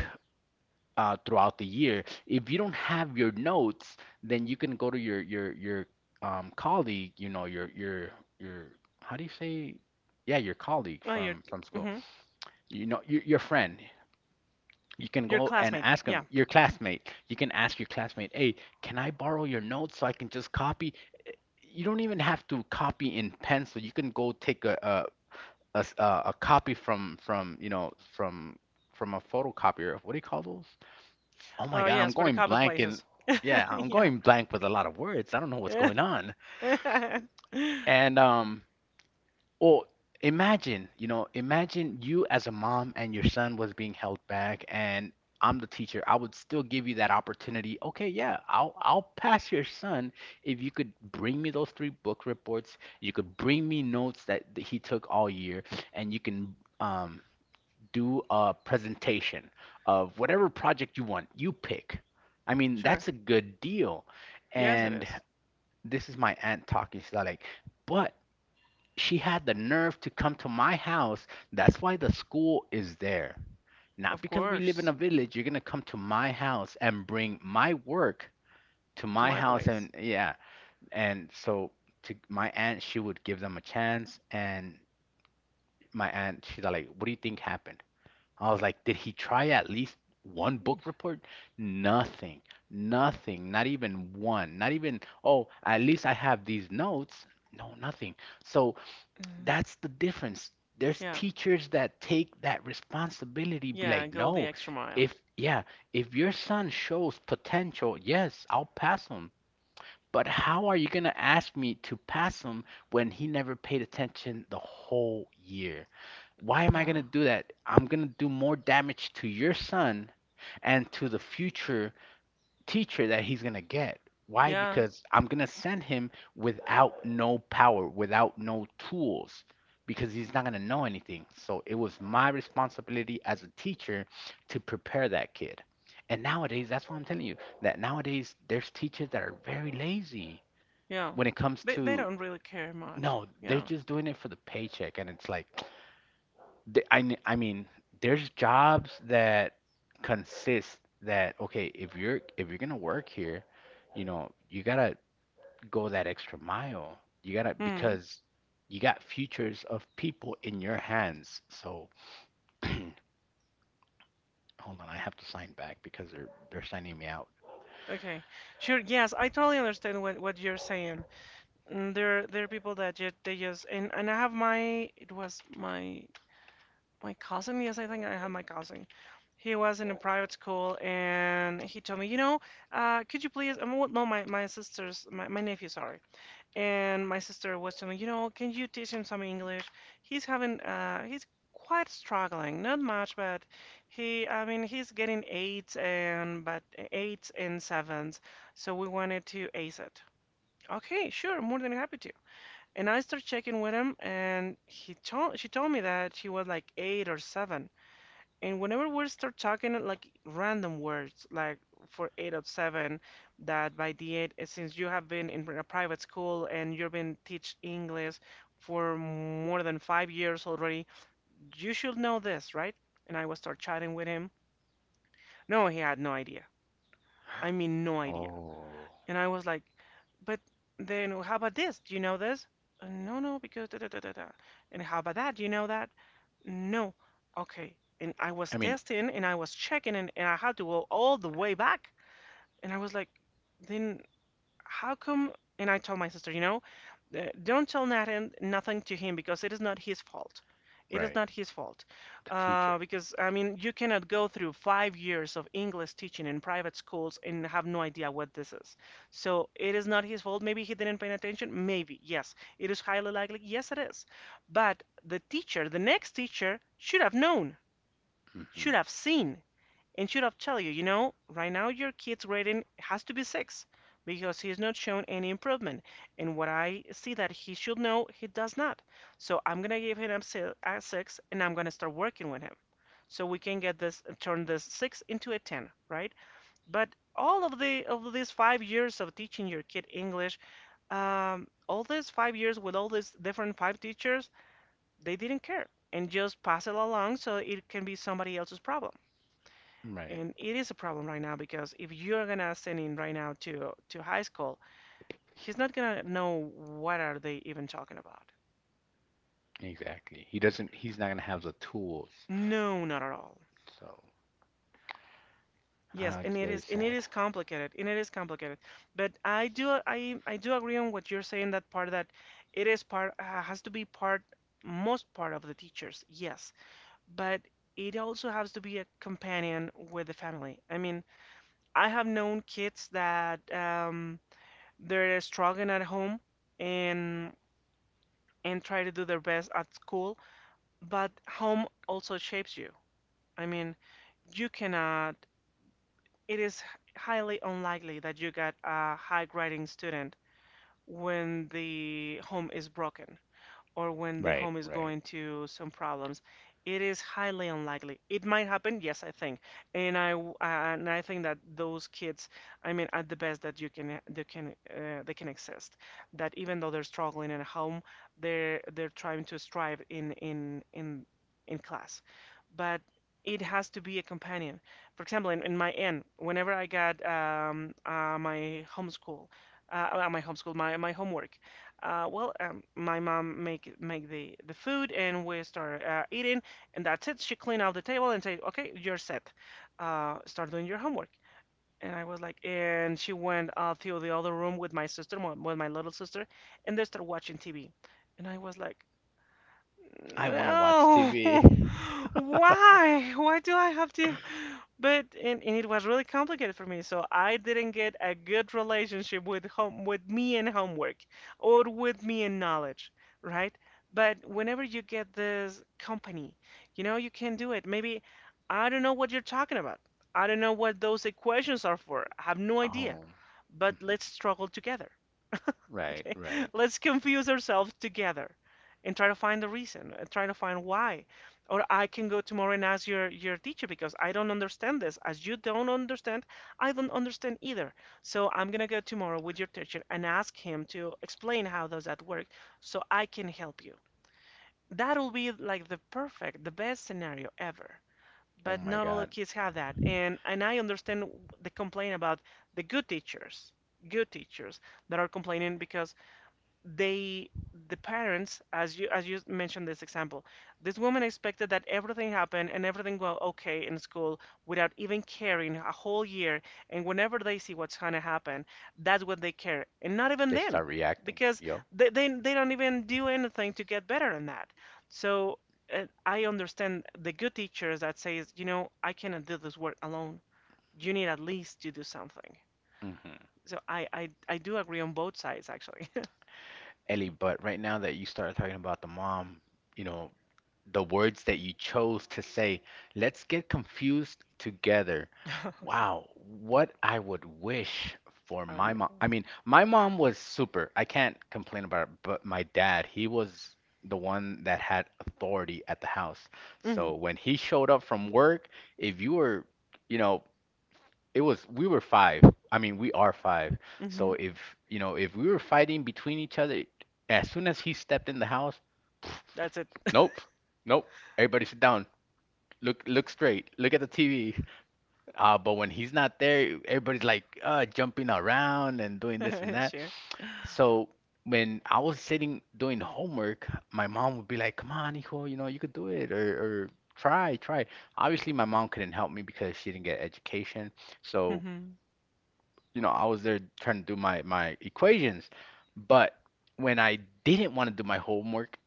throughout the year. If you don't have your notes, then you can go to your colleague, your how do you say? Yeah, your colleague
Oh, your
from school.
mhm.
Your friend. You can
Your
go and
classmate.
ask them,
Yeah.
your classmate. You can ask your classmate, hey, can I borrow your notes so I can just copy? You don't even have to copy in pencil. You can go take a copy from from a photocopier. What do you call those? Oh my
Oh,
God, I'm
yes, for the
going
copy
blank and
places.
yeah, I'm
Yeah.
going blank with a lot of words. I don't know what's going on. And Or imagine you as a mom and your son was being held back and I'm the teacher. I would still give you that opportunity. Okay, yeah, I'll pass your son if you could bring me those three book reports, you could bring me notes that, he took all year, and you can do a presentation of whatever project you want. You pick. I mean,
Sure.
that's a good deal.
Yes, it
And
is.
this is my aunt talking. She's like, but she had the nerve to come to my house. That's why the school is there. Not
Of
because we live in a
course.
village. You're gonna come to my house and bring my work to
To
my
my
house
place.
and yeah. And so to my aunt, she would give them a chance. And my aunt, she's like, "What do you think happened?" I was like, "Did he try at least one book report? Nothing. Nothing. Not even one. Not even, oh, at least I have these notes. No, nothing." So that's the difference. There's
Yeah.
teachers that take that responsibility, be
Yeah,
like,
go the
no,
extra mile.
if, yeah, if your son shows potential, yes, I'll pass him. But how are you going to ask me to pass him when he never paid attention the whole year? Why am I
Yeah.
going to do that? I'm going to do more damage to your son and to the future teacher that he's going to get. Why?
Yeah.
Because I'm going to send him without no power, without no tools, because he's not going to know anything. So it was my responsibility as a teacher to prepare that kid. And nowadays, that's what I'm telling you, that nowadays there's teachers that are very lazy
Yeah.
when it comes
They
to,
don't really care much.
no, they're
Yeah.
just doing it for the paycheck. And it's like, I mean, there's jobs that consist that okay, if you're gonna work here, you know, you gotta go that extra mile. You gotta
Hmm.
because you got futures of people in your hands. So hold on, I have to sign back because they're signing me out.
Okay. Sure. Yes, I totally understand what you're saying. Mm, there are people that just they just and I have my it was my my cousin. Yes, I think I have my cousin. He was in a private school and he told me, you know, could you please? Well, no, my sister's my nephew, sorry. And my sister was telling, me, you know, can you teach him some English? He's having, he's quite struggling, not much, but he, I mean, he's getting eights and, but eights and sevens. So we wanted to ace it. Okay, sure, more than happy to. And I started checking with him, and she told me that she was like eight or seven. And whenever we start talking like random words, like for eight of seven, that by the eight, since you have been in a private school and you've been teach English for more than 5 years already, you should know this, right? And I will start chatting with him. No, he had no idea. I mean, no idea.
Oh,
And I was like, but then how about this? Do you know this? No, no, because da da da da da. And how about that? Do you know that? No. Okay. And I was
I mean,
testing and I was checking and I had to go all the way back. And I was like, then how come? And I told my sister, you know, don't tell Nathan nothing to him because it is not his fault. It is
right,
not his fault.
the teacher.
Because, I mean, you cannot go through 5 years of English teaching in private schools and have no idea what this is. So it is not his fault. Maybe he didn't pay attention. Maybe, yes. It is highly likely. Yes, it is. But the teacher, the next teacher, should have known, should
Hmm.
have seen. And should have tell you, you know, right now your kid's rating has to be six, because he's not shown any improvement, and what I see that he should know he does not. So I'm gonna give him a six, and I'm gonna start working with him, so we can get this turn this six into a ten, right? But all of the of these 5 years of teaching your kid English, all these 5 years with all these different five teachers, they didn't care and just pass it along so it can be somebody else's problem.
Right,
And it is a problem right now because if you're gonna send him right now to high school, he's not gonna know what are they even talking about.
exactly. He doesn't. He's not gonna have the tools.
No, not at all.
So,
Yes, and
it's very
it
sad.
is complicated, and it is complicated. But I do agree on what you're saying that part that it is part has to be part most part of the teachers. Yes, but it also has to be a companion with the family. I mean, I have known kids that they're struggling at home and and try to do their best at school, but home also shapes you. I mean, you cannot, it is highly unlikely that you got a high grading student when the home is broken or when the
Right,
home is
right.
going to some problems, it is highly unlikely. It might happen, yes, I think, and and I think that those kids, I mean, at the best that you can they can they can exist. That even though they're struggling at home, they're trying to strive in class, but it has to be a companion. For example, in my end, whenever I got my homeschool, my homework. My mom make the food, and we start eating, and that's it. She clean out the table and say, "Okay, you're set. Start doing your homework." And I was like, and she went to the other room with my sister, with my little sister, and they start watching TV. And I was like,
I want to watch
no,
TV.
why? Why do I have to? But and it was really complicated for me, so I didn't get a good relationship with home with me and homework or with me and knowledge, right? But whenever you get this company, you know, you can do it. Maybe I don't know what you're talking about. I don't know what those equations are for. I have no idea.
Oh,
But
mhm.
let's struggle together.
Right,
Okay,
right.
let's confuse ourselves together and try to find the reason, and try to find why. Or I can go tomorrow and ask your teacher because I don't understand this. As you don't understand, I don't understand either. So I'm gonna go tomorrow with your teacher and ask him to explain how does that work so I can help you. That'll be like the perfect, the best scenario ever.
Oh
But
my
not all the
God,
kids have that. And I understand the complaint about the good teachers that are complaining because they the parents as you mentioned this example this woman expected that everything happened and everything go okay in school without even caring a whole year and whenever they see what's going to happen that's what they care and not even
they
then
start reacting.
because
Yup.
they don't even do anything to get better in that so I understand the good teachers that says you know I cannot do this work alone you need at least to do something
Hmm.
so I do agree on both sides actually
Ellie, but right now that you started talking about the mom, you know, the words that you chose to say, let's get confused together. Wow, what I would wish for
I
my mom.
know.
I mean, my mom was super. I can't complain about it, but my dad, he was the one that had authority at the house. So
Mhm,
when he showed up from work, if you were, you know, it was we were five. I mean, we are five. So
mhm.
if you know, if we were fighting between each other, as soon as he stepped in the house,
That's it.
nope, nope. Everybody sit down. Look, look straight. Look at the TV. But when he's not there, everybody's like jumping around and doing this and that.
Sure.
So when I was sitting doing homework, my mom would be like, "Come on, hijo, you know you could do it, or try, try." Obviously, my mom couldn't help me because she didn't get education. So
Mhm.
you know, I was there trying to do my equations, but when I didn't want to do my homework,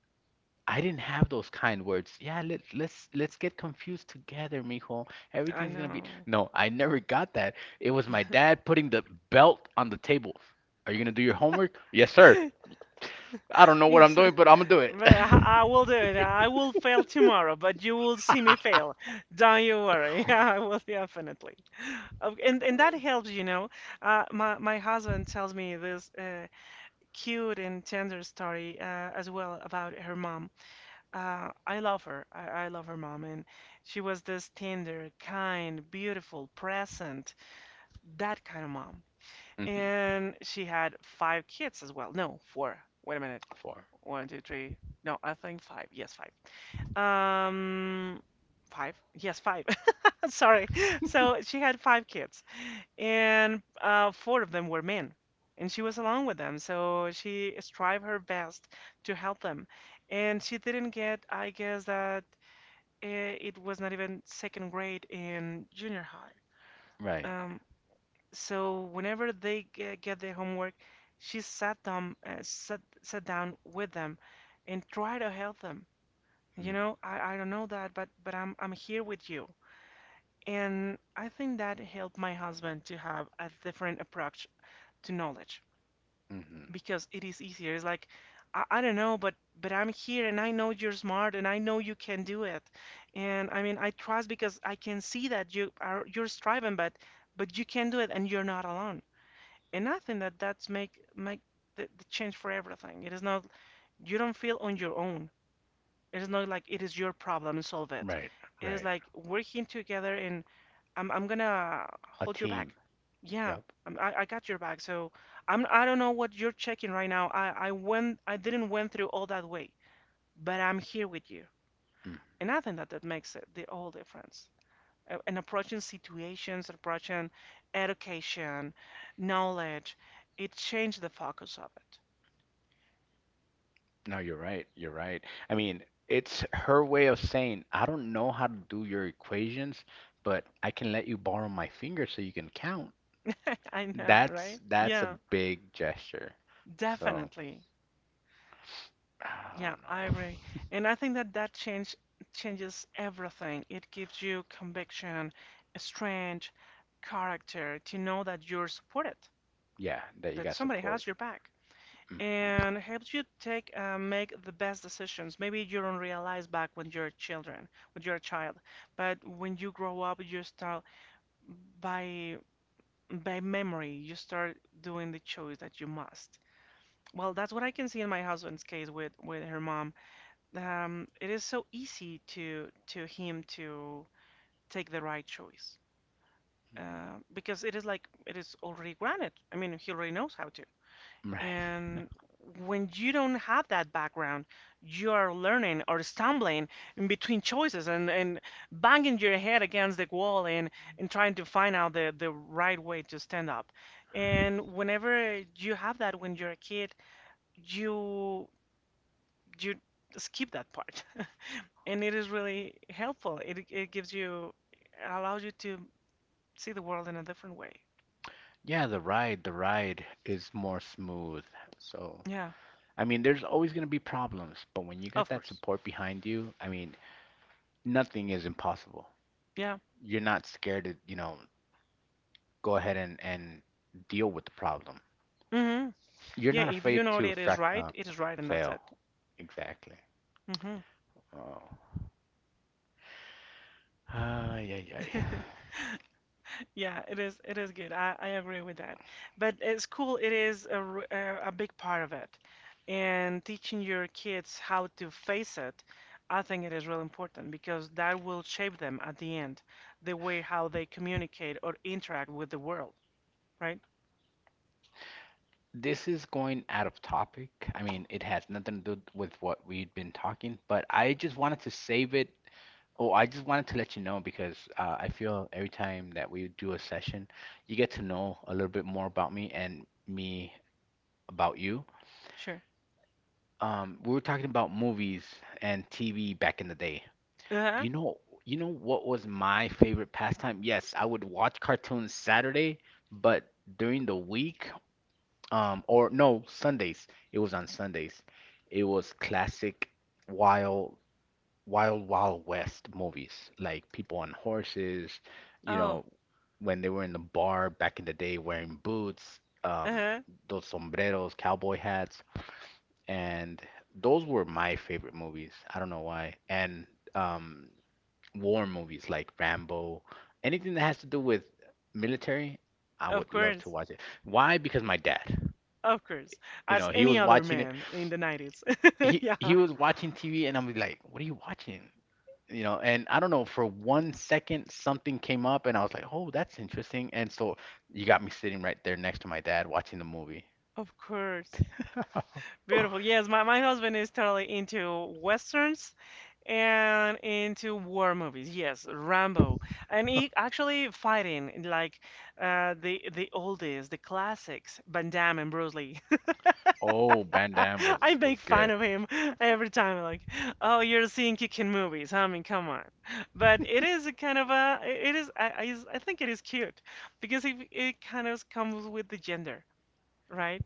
I didn't have those kind words. Yeah, let's get confused together, mijo.
I
Everything's gonna be.
know.
No, I never got that. It was my dad putting the belt on the table. Are you gonna do your homework? Yes, sir. I don't know what I'm
Yes,
doing, but I'm gonna do it.
but I will do it. I will fail tomorrow, but you will see me fail. Don't you worry. Yeah, I will definitely. Okay, and that helps, you know. My husband tells me this cute and tender story as well about her mom. I love her. I love her mom, and she was this tender, kind, beautiful, present, that kind of mom.
Hmm.
And she had five kids as well. No, four. Wait a minute.
Four.
One, two, three. No, I think five. Yes, five. Um, five? Yes, five. Sorry. So she had five kids, and four of them were men, and she was alone with them. So she strived her best to help them, and she didn't get, I guess, that it was not even second grade in junior high.
Right.
Um, so whenever they get their homework, she sat them, sat down with them and try to help them. You
Hmm.
know, I don't know that, but I'm here with you. And I think that helped my husband to have a different approach to knowledge
Hmm.
because it is easier. It's like, I don't know, but I'm here and I know you're smart and I know you can do it. And I mean, I trust because I can see that you're striving, but you can do it and you're not alone and I think that that's make the change for everything. It is not you don't feel on your own. It is not like it is your problem solve it.
Right.
It is
Right.
like working together and I'm gonna
A
hold your back.
team.
Yeah,
Yep.
I got your back. So I'm I don't know what you're checking right now. I didn't went through all that way, but I'm here with you. And I think that that makes it the whole difference. And approaching situations, approaching education, knowledge, it changed the focus of it.
No, you're right. You're right. I mean, it's her way of saying, I don't know how to do your equations, but I can let you borrow my finger so you can count.
I know, right?
That's a
Yeah,
big gesture. So,
definitely.
I
Yeah,
don't
I
know.
agree. And I think that that change changes everything. It gives you conviction, strength, character to know that you're supported,
Yeah, that you
that
got
somebody has
support.
your back,
Hmm.
and helps you take make the best decisions. Maybe you don't realize back when you're children, when you're a child, but when you grow up, you start by by memory, you start doing the choice that you must. Well, that's what I can see in my husband's case with her mom. It is so easy to him to take the right choice because it is like it is already granted. I mean, he already knows how to.
Right.
And when you don't have that background, you are learning or stumbling in between choices and banging your head against the wall and trying to find out the right way to stand up. And whenever you have that when you're a kid, you you skip that part and it is really helpful it, it gives you it allows you to see the world in a different way.
Yeah, the ride is more smooth. So,
Yeah,
I mean, there's always going to be problems, but when you got
of
that
course.
support behind you, I mean, nothing is impossible.
Yeah.
You're not scared to, you know, go ahead and deal with the problem.
Hmm.
You're
Yeah,
not
if you
afraid
know
to
that
frac
it is right and that's
fail.
it.
Exactly. Oh. Ay, ay, ay.
Hmm. Yeah, it is. It is good. I agree with that. But school, it is a, r- a big part of it, and teaching your kids how to face it, I think it is real important because that will shape them at the end, the way how they communicate or interact with the world, right?
This is going out of topic. I mean, it has nothing to do with what we've been talking, but I just wanted to save it. Oh, I just wanted to let you know because I feel every time that we do a session, you get to know a little bit more about me and me about you.
Sure.
We were talking about movies and TV back in the day.
Uh-huh.
You know, you know what was my favorite pastime? Yes, I would watch cartoons Saturday, but during the week, or no, Sundays. It was on Sundays. It was classic wild, wild west movies, like people on horses, you
Oh.
know, when they were in the bar back in the day wearing boots,
Uh-huh.
those sombreros, cowboy hats, and those were my favorite movies. I don't know why. And um war movies like Rambo, anything that has to do with military, I
Of
would love to
course.
watch it. Why? Because my dad,
Of course.
you know,
As
he
any
was
other
watching it.
man in the 90s.
He
Yeah.
was watching TV, and I'm like, "What are you watching?" You know, and I don't know. For one second, something came up, and I was like, "Oh, that's interesting." And so you got me sitting right there next to my dad watching the movie.
Of course. Beautiful. Yes, my husband is totally into westerns and into war movies. Yes, Rambo, and he actually fighting like the oldies, the classics, Van Damme and Bruce Lee.
Oh, Van Damme
I
was
make fun
good.
of him every time, like, oh, you're seeing kicking movies. I mean, come on. But it is a kind of a, it is, I think it is cute because it kind of comes with the gender, right?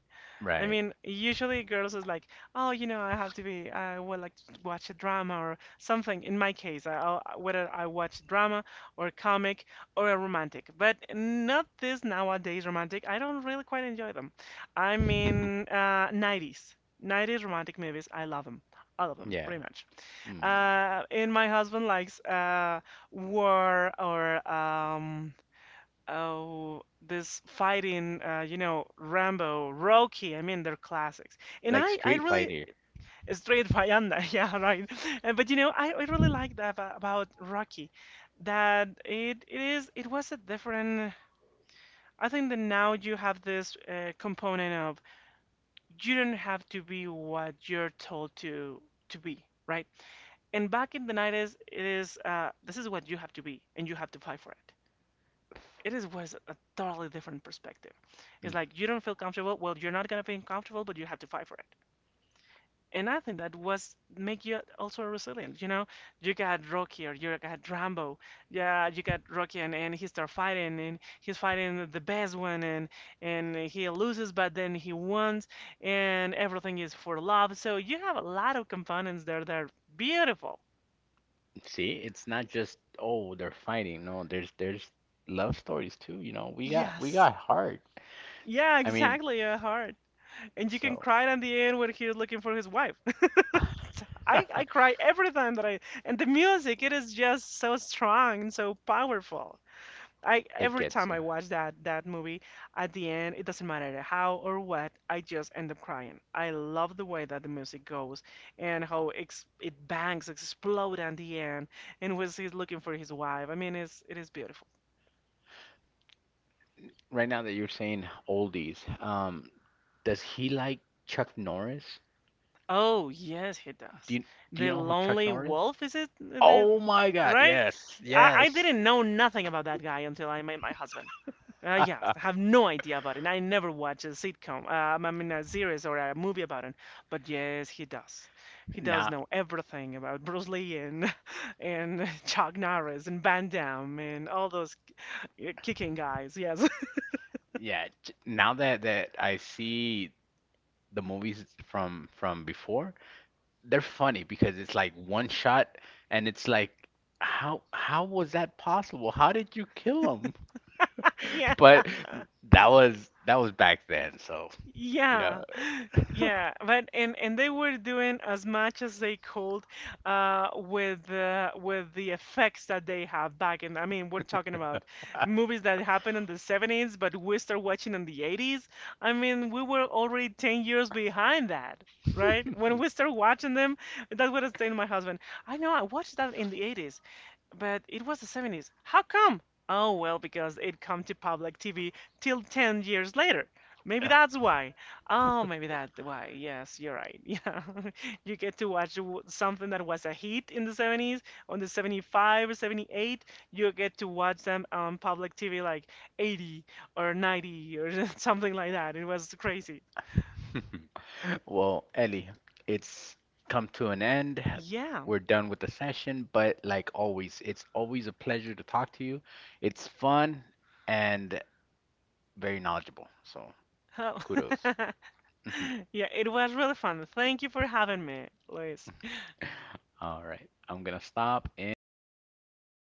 I
Right.
mean, usually girls is like, oh, I would like to watch a drama or something. In my case, whether I watch drama or comic or a romantic, but not this nowadays romantic. I don't really quite enjoy them. I mean, uh, 90s. 90s romantic movies, I love them. All of them,
Yeah.
pretty much.
Mm.
And my husband likes war or um, Oh, this fighting, Rambo, Rocky, I mean, they're classics. And
Like
I
Street
really,
Fighter.
Straight Bayanda, yeah, right. But you know, I really like that about Rocky, that it was a different, I think that now you have this component of you don't have to be what you're told to be, right? And back in the 90s, it is, this is what you have to be, and you have to fight for it it is was a totally different perspective. It's
Hmm.
like you don't feel comfortable. Well, you're not gonna feel comfortable, but you have to fight for it. And I think that was make you also resilient. You know, you got Rocky or you got Rambo. Yeah, you got Rocky, and he start fighting, and he's fighting the best one, and he loses, but then he wins, and everything is for love. So you have a lot of components there that are beautiful.
See, it's not just oh they're fighting. No, there's love stories too. You know, we
Yes.
got heart.
Yeah,
I mean,
exactly. Your heart, and you can
so
cry at the end when he's looking for his wife. I cry every time that I and the music it is just so strong and so powerful. I
it
every
gets
time
you.
I watch that movie at the end it doesn't matter how or what I just end up crying. I love the way that the music goes and how ex it bangs explode at the end and when he's looking for his wife. I mean it is beautiful.
Right now that you're saying oldies, does he like Chuck Norris?
Oh yes he
Do
does.
you do you
The
know who Chuck
Lonely
Norris?
Wolf is it the
Oh my God,
right?
yes,
I
yes.
didn't know nothing about that guy until I met my husband. Yeah, I have no idea about it. I never watch a sitcom, a series or a movie about it. But yes, he does. He does
Now,
know everything about Bruce Lee and and Chuck Norris and Van Damme and all those kicking guys. Yes,
yeah, j- now that that I see the movies from before, they're funny because it's like one shot and it's like how was that possible? How did you kill him?
yeah.
But that was back then, so you know.
Yeah, yeah, but and they were doing as much as they could with the effects that they have back in. I mean, we're talking about movies that happened in the 70s, but we start watching in the 80s. I mean, we were already 10 years behind that, right? When we start watching them, that's what I was saying to my husband. I know I watched that in the 80s. But it was the 70s. How come? Oh, well, because it come to public TV till 10 years later. Maybe that's why. Oh, maybe that's why. Yes, you're right. Yeah. You get to watch something that was a hit in the 70s, on the 75 or 78, you get to watch them on public TV like 80 or 90 or something like that. It was crazy.
Well, Ellie, it's come to an end.
Yeah.
We're done with the session, but like always, it's always a pleasure to talk to you. It's fun and very knowledgeable, so
Oh.
kudos. Mhm.
Yeah, it was really fun. Thank you for having me, Luis.
All right, I'm gonna stop
Sure.
in